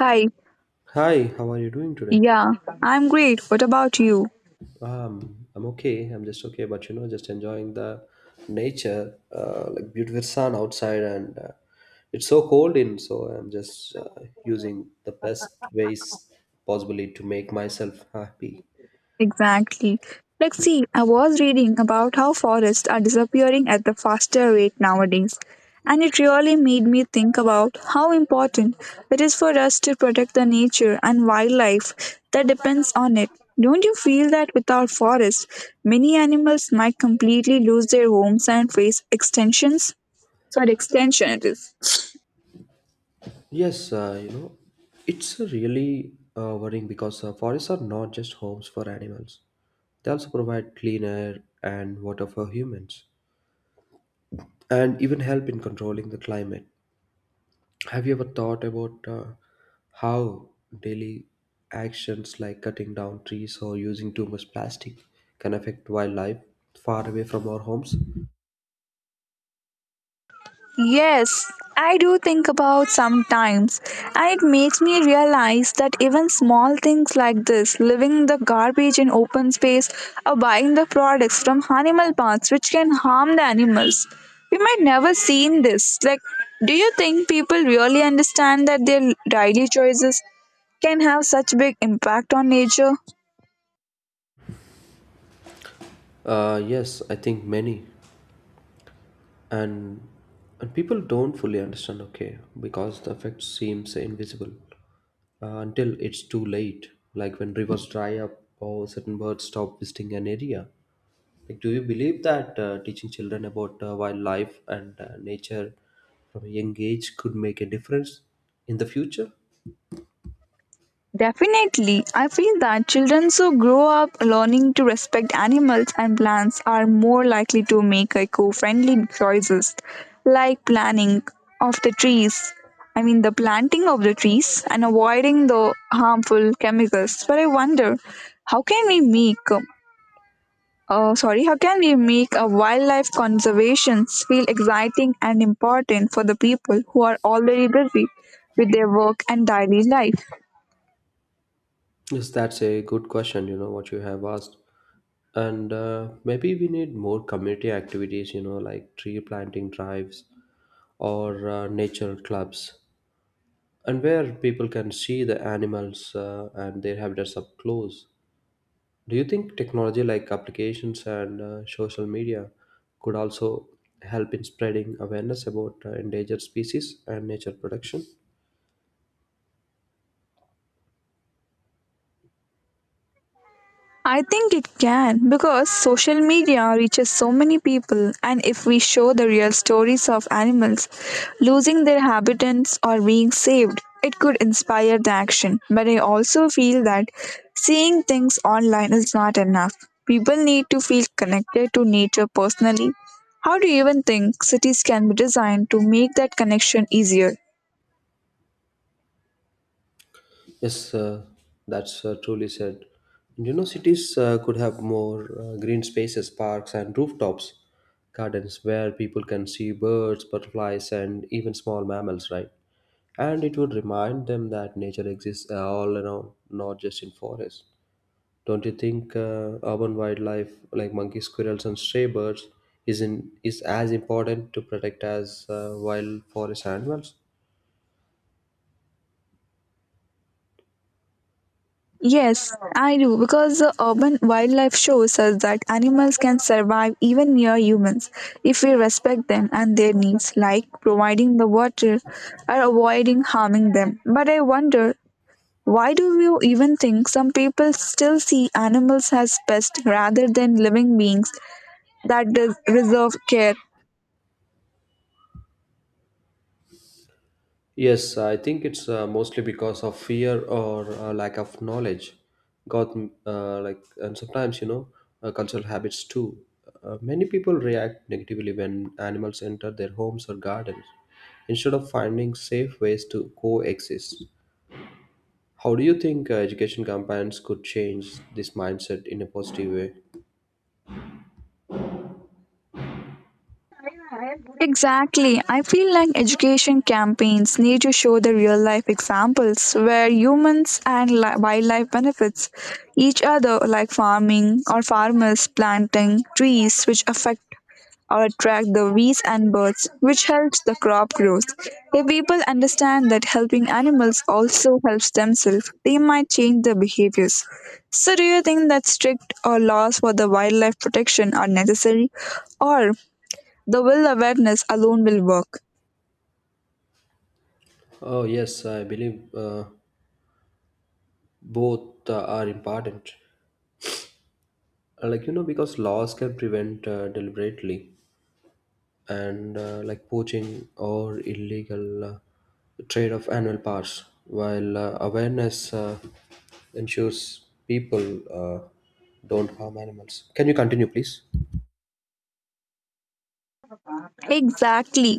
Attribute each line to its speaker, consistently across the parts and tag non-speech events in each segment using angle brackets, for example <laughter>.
Speaker 1: Hi,
Speaker 2: Hi, how are you doing today?
Speaker 1: yeah, I'm great. What about you?
Speaker 2: I'm okay. I'm just okay, but you know, just enjoying the nature, like beautiful sun outside, and it's so cold in. So I'm just using the best ways possibly to make myself happy.
Speaker 1: Exactly. Like, see, I was reading about how forests are disappearing at the faster rate nowadays, and it really made me think about how important it is for us to protect the nature and wildlife that depends on it. Don't you feel that without forests, many animals might completely lose their homes and face extinctions? Sorry, extension it is.
Speaker 2: Yes, you know, it's a really worrying because forests are not just homes for animals. They also provide clean air and water for humans, and even help in controlling the climate. Have you ever thought about how daily actions like cutting down trees or using too much plastic can affect wildlife far away from our homes?
Speaker 1: Yes, I do think about sometimes, and it makes me realize that even small things like this, leaving the garbage in open space or buying the products from animal parks which can harm the animals, we might never seen this. Like, do you think people really understand that their daily choices can have such big impact on nature?
Speaker 2: Yes, I think many, and and people don't fully understand. Okay, because the effect seems invisible until it's too late. Like when rivers dry up or certain birds stop visiting an area. Like, do you believe that teaching children about wildlife and nature from a young age could make a difference in the future?
Speaker 1: Definitely. I feel that children who grow up learning to respect animals and plants are more likely to make eco-friendly choices like planning of the trees. I mean the planting of the trees and avoiding the harmful chemicals. But I wonder how can we make how can we make a wildlife conservation feel exciting and important for the people who are already busy with their work and daily life?
Speaker 2: Yes, that's a good question, you know, what you have asked. And maybe we need more community activities, you know, like tree planting drives or nature clubs, and where people can see the animals and their habitats up close. Do you think technology like applications and social media could also help in spreading awareness about endangered species and nature protection?
Speaker 1: I think it can because social media reaches so many people, and if we show the real stories of animals losing their habitats or being saved, it could inspire the action. But I also feel that seeing things online is not enough. People need to feel connected to nature personally. How do you even think cities can be designed to make that connection easier?
Speaker 2: Yes, that's truly said. And you know, cities could have more green spaces, parks, and rooftops, gardens where people can see birds, butterflies, and even small mammals, right? And it would remind them that nature exists all around, not just in forests. Don't you think urban wildlife like monkeys, squirrels, and stray birds is as important to protect as wild forest animals?
Speaker 1: Yes, I do because the urban wildlife shows us that animals can survive even near humans if we respect them and their needs, like providing the water or avoiding harming them. But I wonder why do you even think some people still see animals as pests rather than living beings that deserve care?
Speaker 2: Yes, I think it's mostly because of fear or lack of knowledge. Got like and sometimes you know cultural habits too. Many people react negatively when animals enter their homes or gardens instead of finding safe ways to coexist. How do you think education campaigns could change this mindset in a positive way?
Speaker 1: Exactly. I feel like education campaigns need to show the real life examples where humans and wildlife benefits each other like farming or farmers planting trees which affect or attract the bees and birds which helps the crop growth. If people understand that helping animals also helps themselves, they might change their behaviors. So do you think that strict or laws for the wildlife protection are necessary or the will awareness alone will work.
Speaker 2: Oh, yes, I believe both are important. Like, you know, because laws can prevent deliberately and like poaching or illegal trade of animal parts, while awareness ensures people uh, don't harm animals. Can you continue, please?
Speaker 1: Exactly.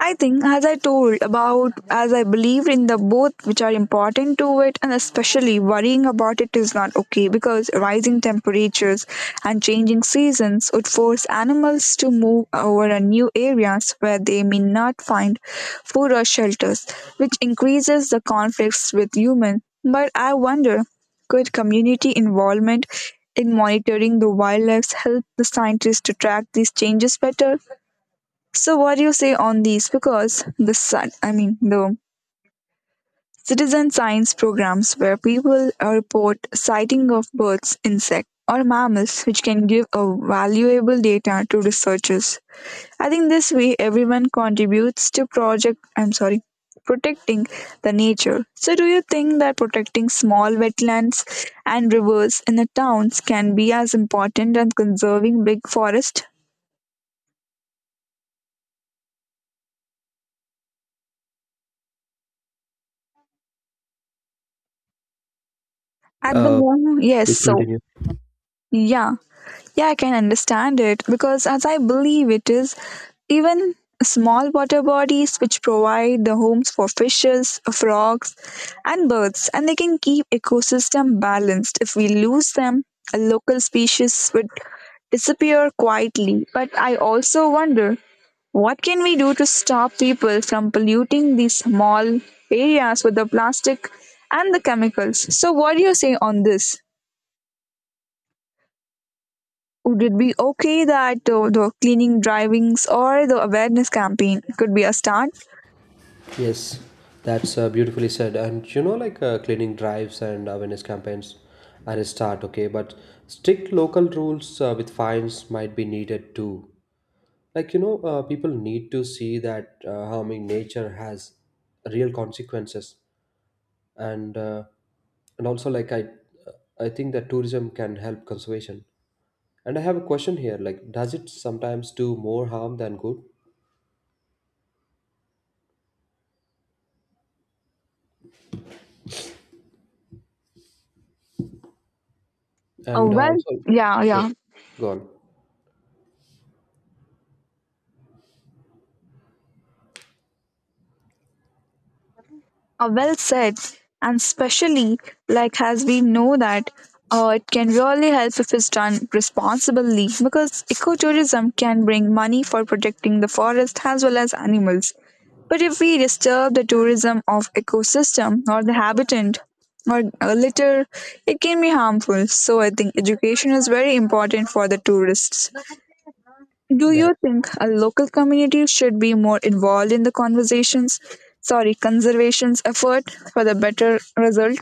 Speaker 1: I think, as I told about, as I believed in the both which are important to it, and especially worrying about it is not okay because rising temperatures and changing seasons would force animals to move over a new areas where they may not find food or shelters, which increases the conflicts with humans. But I wonder, could community involvement in monitoring the wildlife help the scientists to track these changes better? So, what do you say on these? Because the sun, I mean the citizen science programs where people report sighting of birds, insects, or mammals, which can give a valuable data to researchers. I think this way everyone contributes to project. I'm sorry, protecting the nature. So, do you think that protecting small wetlands and rivers in the towns can be as important as conserving big forest? At the
Speaker 2: Uh,
Speaker 1: moment, yes.
Speaker 2: please
Speaker 1: So,
Speaker 2: continue.
Speaker 1: yeah. Yeah, I can understand it because, as I believe, it is even small water bodies which provide the homes for fishes, frogs, and birds, and they can keep ecosystem balanced. If we lose them, a local species would disappear quietly. But I also wonder what can we do to stop people from polluting these small areas with the plastic and the chemicals? So, what do you say on this? Would it be okay that the cleaning drivings or the awareness campaign could be a start?
Speaker 2: Yes, that's beautifully said. And you know, like cleaning drives and awareness campaigns are a start, okay? But strict local rules with fines might be needed too. Like, you know, people need to see that harming nature has real consequences. And uh, and also, like I think that tourism can help conservation. And I have a question here. Like, does it sometimes do more harm than good?
Speaker 1: Oh
Speaker 2: And
Speaker 1: well,
Speaker 2: also,
Speaker 1: yeah,
Speaker 2: yes,
Speaker 1: yeah.
Speaker 2: go on.
Speaker 1: Well said, and especially like as we know that it can really help if it's done responsibly because ecotourism can bring money for protecting the forest as well as animals. But if we disturb the tourism of ecosystem or the habitant or litter, it can be harmful. So I think education is very important for the tourists. Do
Speaker 2: Yeah,
Speaker 1: you think a local community should be more involved in the conversations, sorry, conservations effort for the better result?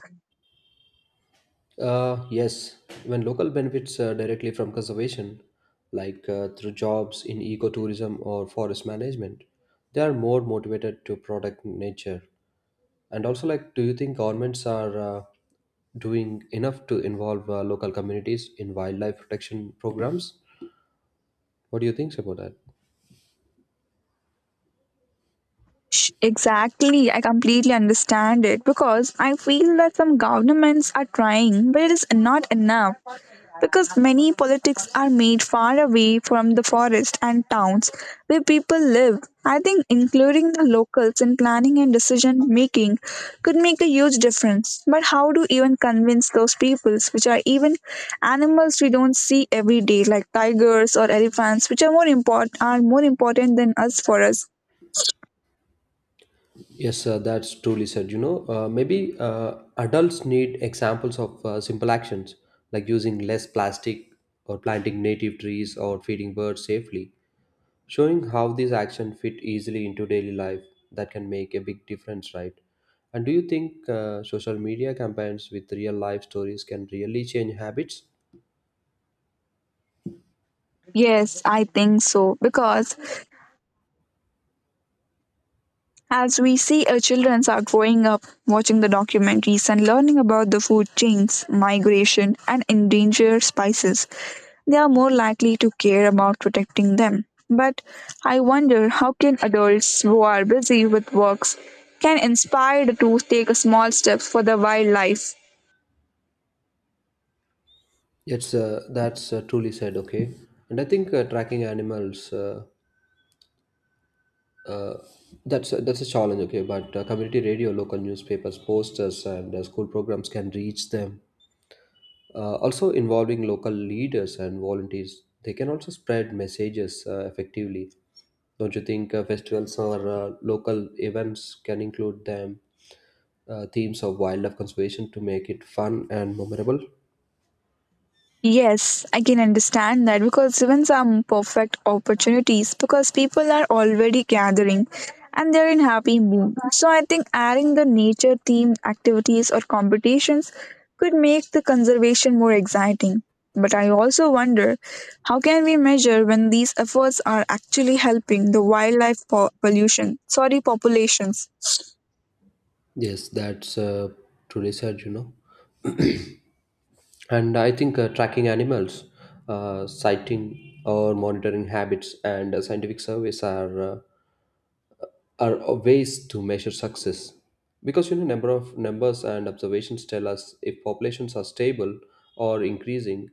Speaker 2: Yes, when local benefits directly from conservation, like through jobs in ecotourism or forest management, they are more motivated to protect nature. And also, like, do you think governments are doing enough to involve local communities in wildlife protection programs? What do you think about that?
Speaker 1: Exactly, I completely understand it because I feel that some governments are trying, but it is not enough. Because many politics are made far away from the forest and towns where people live. I think including the locals in planning and decision making could make a huge difference. But how do even convince those peoples, which are even animals we don't see every day, like tigers or elephants, which are more important than us for us?
Speaker 2: Yes, that's truly said. You know, maybe adults need examples of simple actions like using less plastic or planting native trees or feeding birds safely, showing how these actions fit easily into daily life that can make a big difference, right? And do you think social media campaigns with real life stories can really change habits?
Speaker 1: Yes, I think so. Because as we see, our children are growing up watching the documentaries and learning about the food chains, migration, and endangered spices. They are more likely to care about protecting them. But I wonder how can adults who are busy with works can inspire to take a small steps for the wildlife
Speaker 2: Yes, that's truly said. Okay, and I think tracking animals. Uh, that's that's a challenge, okay. But community radio, local newspapers, posters, and school programs can reach them. Also, involving local leaders and volunteers, they can also spread messages effectively. Don't you think festivals or local events can include them themes of wildlife conservation to make it fun and memorable?
Speaker 1: Yes, I can understand that because even some perfect opportunities because people are already gathering and they're in happy mood. So I think adding the nature themed activities or competitions could make the conservation more exciting. But I also wonder how can we measure when these efforts are actually helping the wildlife populations?
Speaker 2: Yes, that's truly said. You know. And I think tracking animals, sighting or monitoring habits, and scientific surveys are ways to measure success. Because you know, number of numbers and observations tell us if populations are stable or increasing.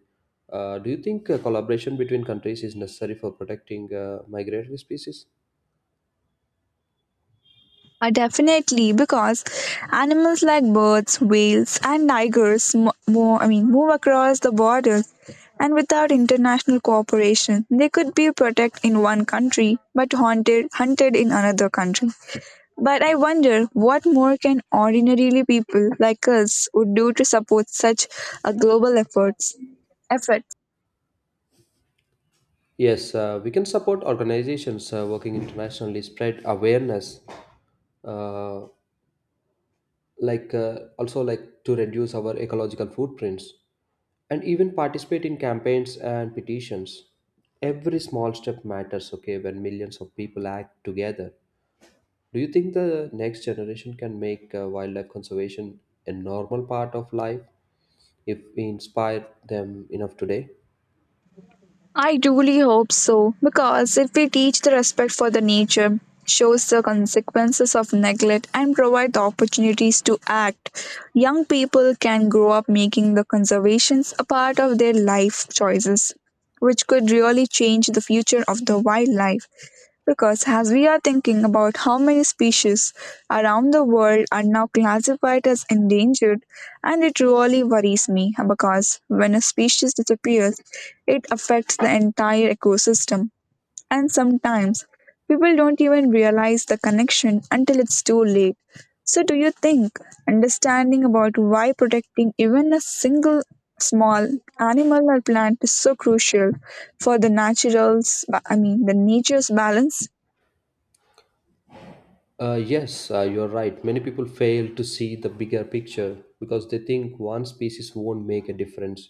Speaker 2: Do you think collaboration between countries is necessary for protecting migratory species?
Speaker 1: Definitely, because animals like birds, whales, and tigers move across the borders, and without international cooperation, they could be protected in one country but hunted in another country. But I wonder what more can ordinarily people like us would do to support such a global effort.
Speaker 2: Yes, we can support organizations working internationally, spread awareness uh, like also like to reduce our ecological footprints and even participate in campaigns and petitions. Every small step matters, okay, when millions of people act together. Do you think the next generation can make wildlife conservation a normal part of life if we inspire them enough today?
Speaker 1: I truly hope so, because if we teach the respect for the nature, shows the consequences of neglect, and provide the opportunities to act, young people can grow up making the conservations a part of their life choices, which could really change the future of the wildlife. Because as we are thinking about how many species around the world are now classified as endangered, and it really worries me because when a species disappears, it affects the entire ecosystem, and sometimes people don't even realize the connection until it's too late. So, do you think understanding about why protecting even a single small animal or plant is so crucial for the the nature's balance?
Speaker 2: Yes, you're right. Many people fail to see the bigger picture because they think one species won't make a difference.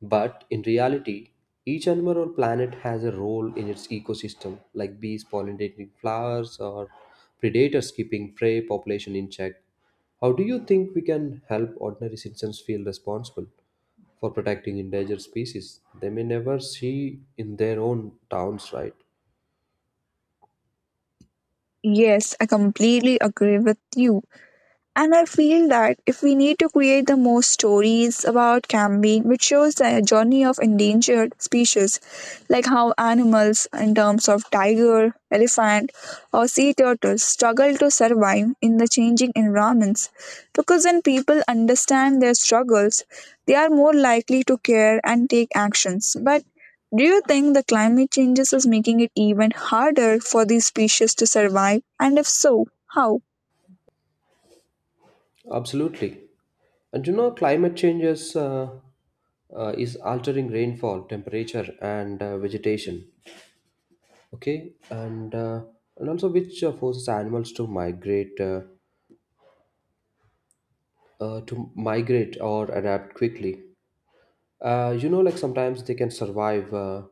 Speaker 2: But in reality, each animal or planet has a role in its ecosystem, like bees pollinating flowers or predators keeping prey population in check. How do you think we can help ordinary citizens feel responsible for protecting endangered species they may never see in their own towns, right?
Speaker 1: Yes, I completely agree with you. And I feel that if we need to create the most stories about camping, which shows the journey of endangered species, like how animals, in terms of tiger, elephant, or sea turtles, struggle to survive in the changing environments. Because when people understand their struggles, they are more likely to care and take actions. But do you think the climate changes is making it even harder for these species to survive? And if so, how?
Speaker 2: Absolutely. And you know, climate changes is altering rainfall, temperature, and vegetation. Okay, and also which forces animals to migrate or adapt quickly. You know, like sometimes they can survive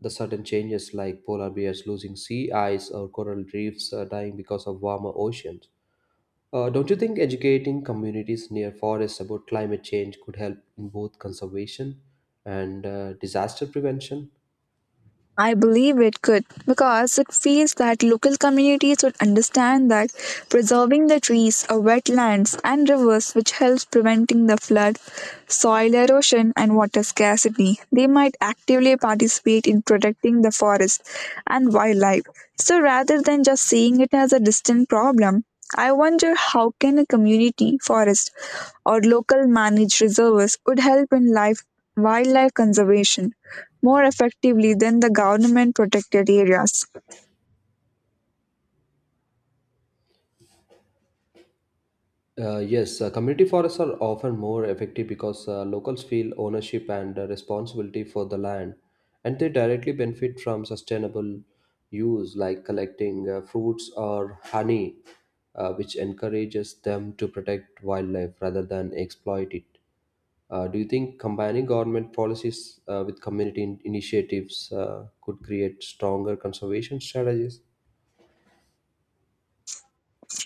Speaker 2: the sudden changes, like polar bears losing sea ice or coral reefs dying because of warmer oceans. Don't you think educating communities near forests about climate change could help in both conservation and disaster prevention?
Speaker 1: I believe it could because it feels that local communities would understand that preserving the trees or wetlands and rivers which helps preventing the flood, soil erosion and water scarcity. They might actively participate in protecting the forest and wildlife. So rather than just seeing it as a distant problem, I wonder how can a community forest or local managed reserves would help in life wildlife conservation more effectively than the government protected areas.
Speaker 2: Yes, community forests are often more effective because locals feel ownership and responsibility for the land, and they directly benefit from sustainable use like collecting fruits or honey, which encourages them to protect wildlife rather than exploit it. Do you think combining government policies with community initiatives could create stronger conservation strategies?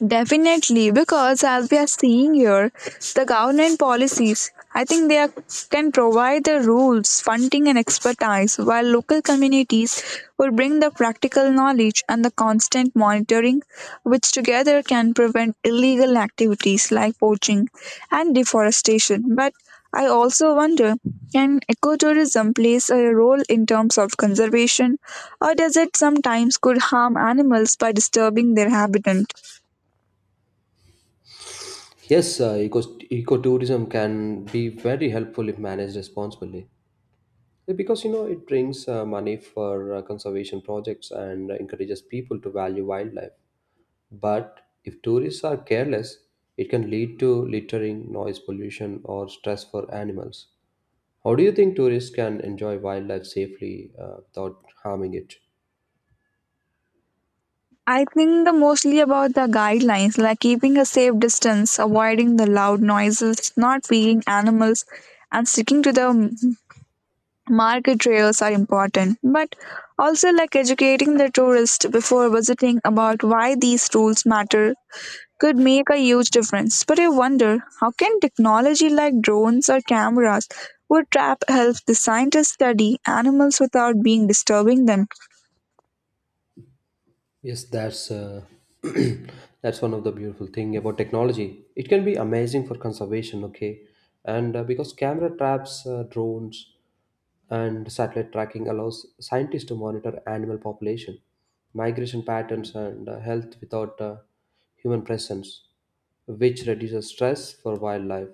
Speaker 1: Definitely, because as we are seeing here, the government policies, I think they are, can provide the rules, funding, and expertise, while local communities will bring the practical knowledge and the constant monitoring, which together can prevent illegal activities like poaching and deforestation. But I also wonder can ecotourism plays a role in terms of conservation, or does it sometimes could harm animals by disturbing their habitat?
Speaker 2: Yes, ecotourism can be very helpful if managed responsibly. Yeah. Because you know it brings money for conservation projects and encourages people to value wildlife. But if tourists are careless, it can lead to littering, noise pollution, or stress for animals. How do you think tourists can enjoy wildlife safely without harming it?
Speaker 1: I think the mostly about the guidelines, like keeping a safe distance, avoiding the loud noises, not feeding animals, and sticking to the market trails are important. But also, like educating the tourist before visiting about why these rules matter could make a huge difference. But I wonder how can technology like drones or cameras would trap help the scientists study animals without being disturbing them?
Speaker 2: Yes, that's <clears throat> that's one of the beautiful thing about technology. It can be amazing for conservation, okay, and because camera traps, drones, and satellite tracking allows scientists to monitor animal population, migration patterns, and health without human presence, which reduces stress for wildlife.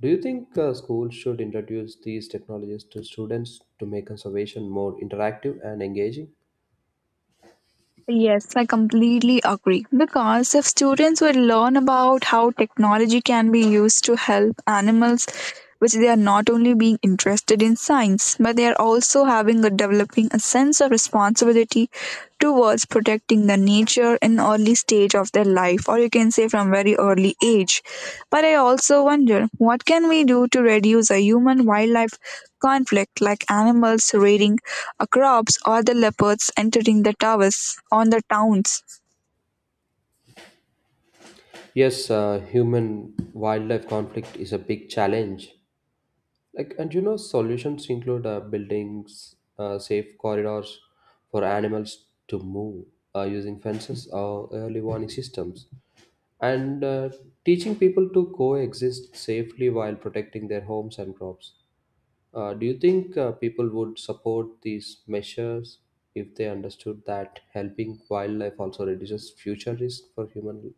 Speaker 2: Do you think schools should introduce these technologies to students to make conservation more interactive and engaging?
Speaker 1: Yes, I completely agree. Because if students would learn about how technology can be used to help animals, which they are not only being interested in science, but they are also having a developing a sense of responsibility towards protecting the nature in early stage of their life, or you can say from very early age. But I also wonder what can we do to reduce a human wildlife conflict like animals raiding Acrops or the leopards entering the towers on the towns.
Speaker 2: Yes, human wildlife conflict is a big challenge. Like, and you know, solutions include buildings, safe corridors for animals to move using fences or early warning systems, and teaching people to coexist safely while protecting their homes and crops. Do you think people would support these measures if they understood that helping wildlife also reduces future risk for human?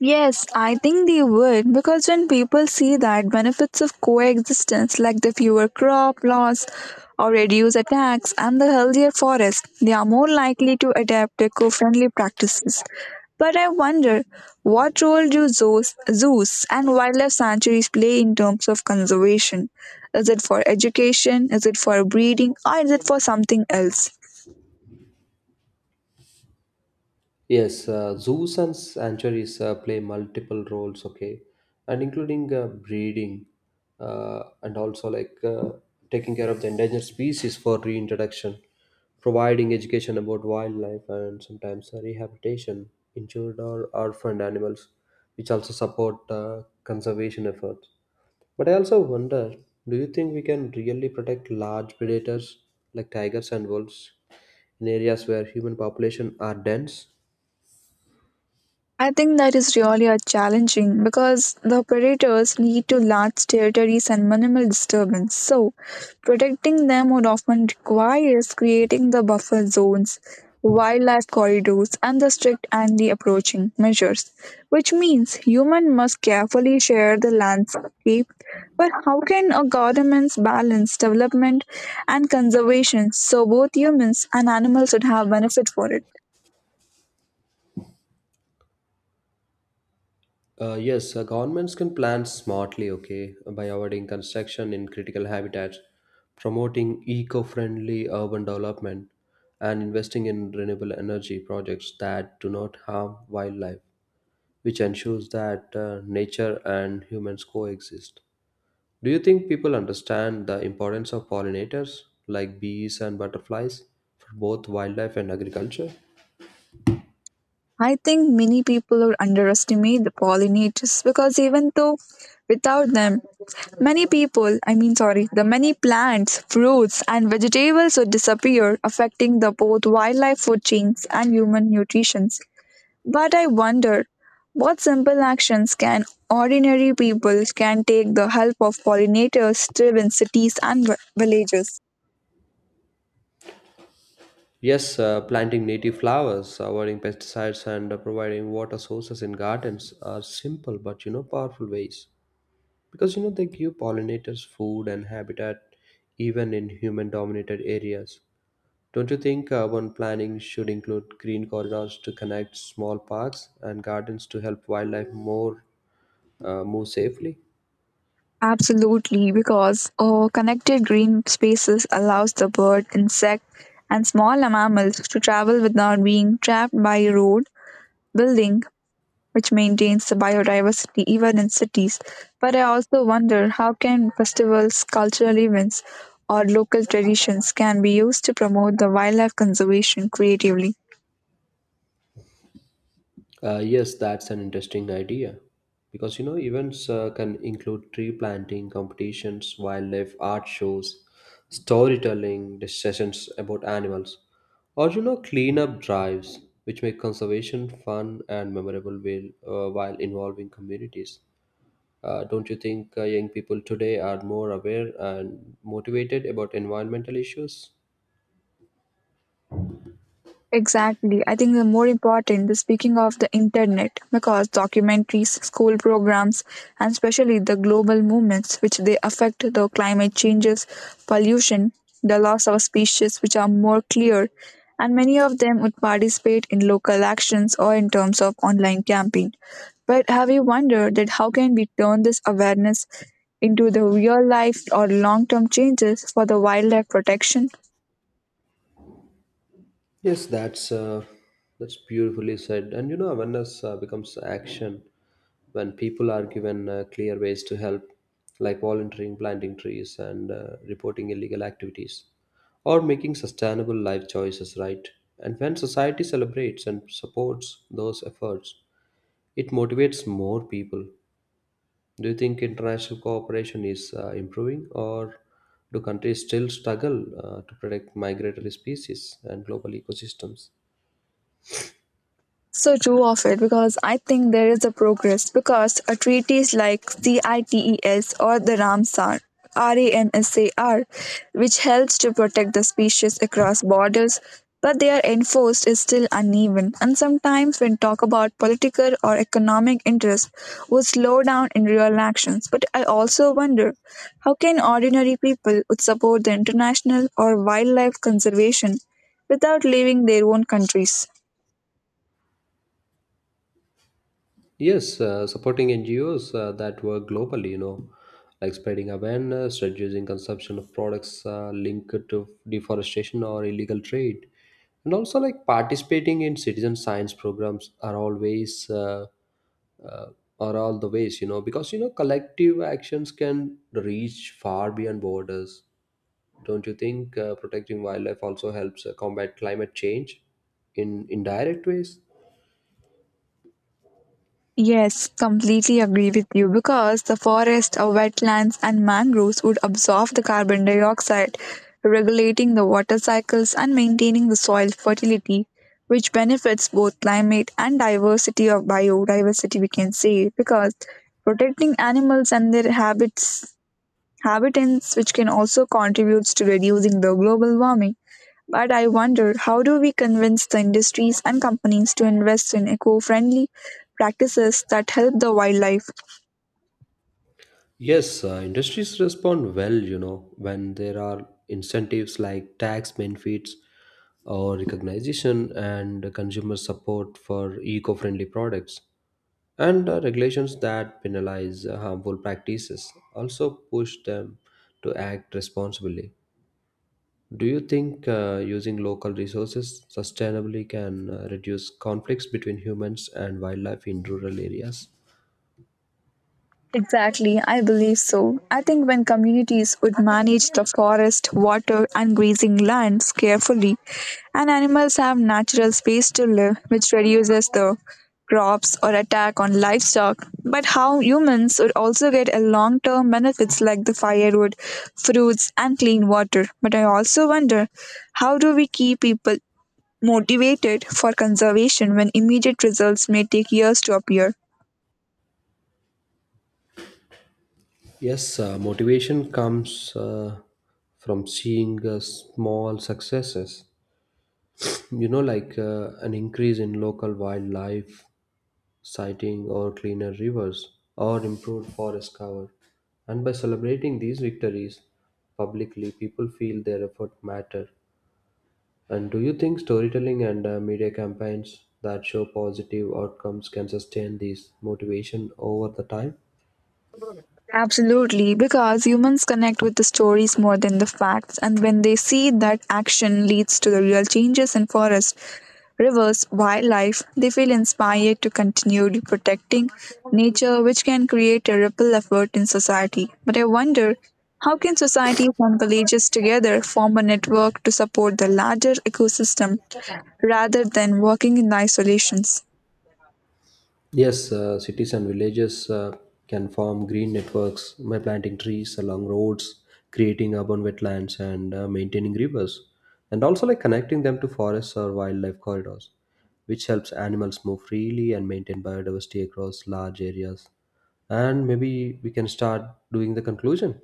Speaker 1: Yes, I think they would because when people see that benefits of coexistence like the fewer crop loss or reduced attacks and the healthier forest, they are more likely to adapt eco-friendly practices. But I wonder what role do zoos and wildlife sanctuaries play in terms of conservation? Is it for education? Is it for breeding? Or is it for something else?
Speaker 2: Yes, zoos and sanctuaries play multiple roles, okay, and including breeding and also like taking care of the endangered species for reintroduction, providing education about wildlife, and sometimes rehabilitation, injured or orphaned animals, which also support conservation efforts. But I also wonder, do you think we can really protect large predators like tigers and wolves in areas where human population are dense?
Speaker 1: I think that is really a challenging because the predators need to large territories and minimal disturbance. So, protecting them would often require creating the buffer zones, wildlife corridors, and the strict anti-approaching measures, which means humans must carefully share the landscape. But how can a government balance development and conservation so both humans and animals would have benefit for it?
Speaker 2: Yes, governments can plan smartly, okay, by avoiding construction in critical habitats, promoting eco friendly urban development, and investing in renewable energy projects that do not harm wildlife, which ensures that nature and humans coexist. Do you think people understand the importance of pollinators, like bees and butterflies, for both wildlife and agriculture?
Speaker 1: I think many people are underestimate the pollinators because even though without them, many people, I mean, sorry, the many plants, fruits, and vegetables would disappear, affecting the both wildlife food chains and human nutrition. But I wonder what simple actions can ordinary people can take the help of pollinators still in cities and villages.
Speaker 2: Yes, planting native flowers, avoiding pesticides, and providing water sources in gardens are simple but you know powerful ways because you know they give pollinators food and habitat even in human-dominated areas. Don't you think urban planning should include green corridors to connect small parks and gardens to help wildlife more move safely?
Speaker 1: Absolutely, because connected green spaces allows the bird, insect, and small mammals to travel without being trapped by road building, which maintains the biodiversity even in cities. But I also wonder how can festivals, cultural events, or local traditions can be used to promote the wildlife conservation creatively.
Speaker 2: Yes, that's an interesting idea because you know events can include tree planting competitions, wildlife art shows, storytelling, discussions about animals, or you know cleanup drives, which make conservation fun and memorable while involving communities. Don't you think young people today are more aware and motivated about environmental issues?
Speaker 1: Exactly. I think the more important, the speaking of the internet, because documentaries, school programs, and especially the global movements which they affect the climate changes, pollution, the loss of species, which are more clear, and many of them would participate in local actions or in terms of online campaign. But have you wondered that how can we turn this awareness into the real life or long term changes for the wildlife protection?
Speaker 2: Yes, that's beautifully said. And you know, awareness becomes action when people are given clear ways to help, like volunteering, planting trees, and reporting illegal activities, or making sustainable life choices. Right, and when society celebrates and supports those efforts, it motivates more people. Do you think international cooperation is improving, or do countries still struggle to protect migratory species and global ecosystems?
Speaker 1: So true of it because I think there is a progress because a treaties like CITES or the Ramsar RAMSAR, which helps to protect the species across borders, but they are enforced is still uneven. And sometimes, when talk about political or economic interest, would slow down in real actions. But I also wonder, how can ordinary people would support the international or wildlife conservation without leaving their own countries?
Speaker 2: Yes, supporting NGOs that work globally, you know, like spreading awareness, reducing consumption of products linked to deforestation or illegal trade, and also like participating in citizen science programs uh, are all the ways, you know, because you know collective actions can reach far beyond borders. Don't you think protecting wildlife also helps combat climate change in indirect ways?
Speaker 1: Yes, completely agree with you because the forests, wetlands, and mangroves would absorb the carbon dioxide, regulating the water cycles and maintaining the soil fertility, which benefits both climate and diversity of biodiversity, we can say, because protecting animals and their habits, habitants, which can also contribute to reducing the global warming. But I wonder, how do we convince the industries and companies to invest in eco-friendly practices that help the wildlife?
Speaker 2: Yes, industries respond well, you know, when there are incentives like tax benefits or recognition and consumer support for eco friendly products, and regulations that penalize harmful practices also push them to act responsibly. Do you think using local resources sustainably can reduce conflicts between humans and wildlife in rural areas?
Speaker 1: Exactly, I believe so. I think when communities would manage the forest, water, and grazing lands carefully, and animals have natural space to live, which reduces the crops or attack on livestock. But how humans would also get a long-term benefits like the firewood, fruits, and clean water. But I also wonder, how do we keep people motivated for conservation when immediate results may take years to appear?
Speaker 2: Yes, motivation comes from seeing small successes. You know, like an increase in local wildlife sighting or cleaner rivers or improved forest cover. And by celebrating these victories publicly, people feel their effort matter. And do you think storytelling and media campaigns that show positive outcomes can sustain this motivation over the time?
Speaker 1: Absolutely, because humans connect with the stories more than the facts, and when they see that action leads to the real changes in forests, rivers, wildlife, they feel inspired to continue protecting nature, which can create a ripple effort in society. But I wonder how can societies and villages together form a network to support the larger ecosystem rather than working in isolations?
Speaker 2: Yes, cities and villages can form green networks by planting trees along roads, creating urban wetlands, and maintaining rivers, and also like connecting them to forests or wildlife corridors, which helps animals move freely and maintain biodiversity across large areas. And maybe we can start doing the conclusion.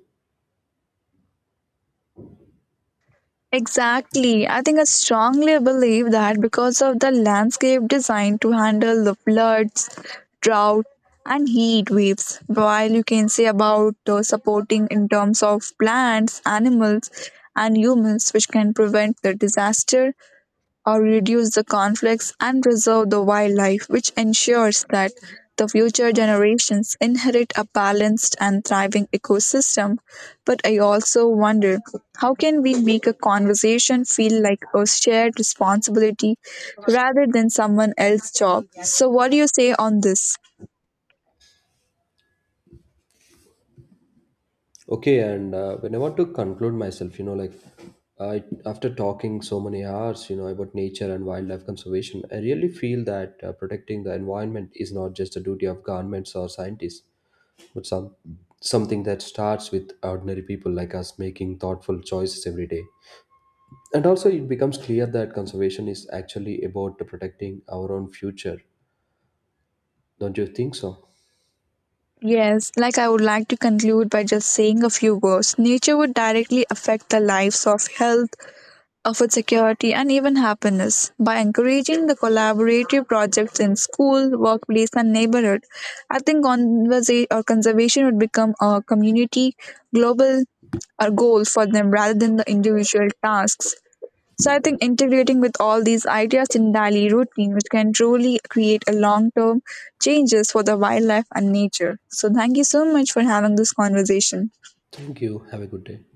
Speaker 1: Exactly. I think I strongly believe that because of the landscape designed to handle the floods, drought, and heat waves, while you can say about supporting in terms of plants, animals, and humans, which can prevent the disaster or reduce the conflicts and preserve the wildlife, which ensures that the future generations inherit a balanced and thriving ecosystem. But I also wonder how can we make a conversation feel like a shared responsibility rather than someone else's job? So, what do you say on this?
Speaker 2: Okay, and when I want to conclude myself, you know, like I, after talking so many hours, you know, about nature and wildlife conservation, I really feel that protecting the environment is not just a duty of governments or scientists, but something that starts with ordinary people like us making thoughtful choices every day. And also, it becomes clear that conservation is actually about protecting our own future. Don't you think so?
Speaker 1: Yes, like I would like to conclude by just saying a few words. Nature would directly affect the lives of health, food security, and even happiness. By encouraging the collaborative projects in school, workplace, and neighborhood, I think conversa- or conservation would become a community global or goal for them rather than the individual tasks. So I think integrating with all these ideas in daily routine, which can truly create a long-term changes for the wildlife and nature. So thank you so much for having this conversation.
Speaker 2: Thank you. Have a good day.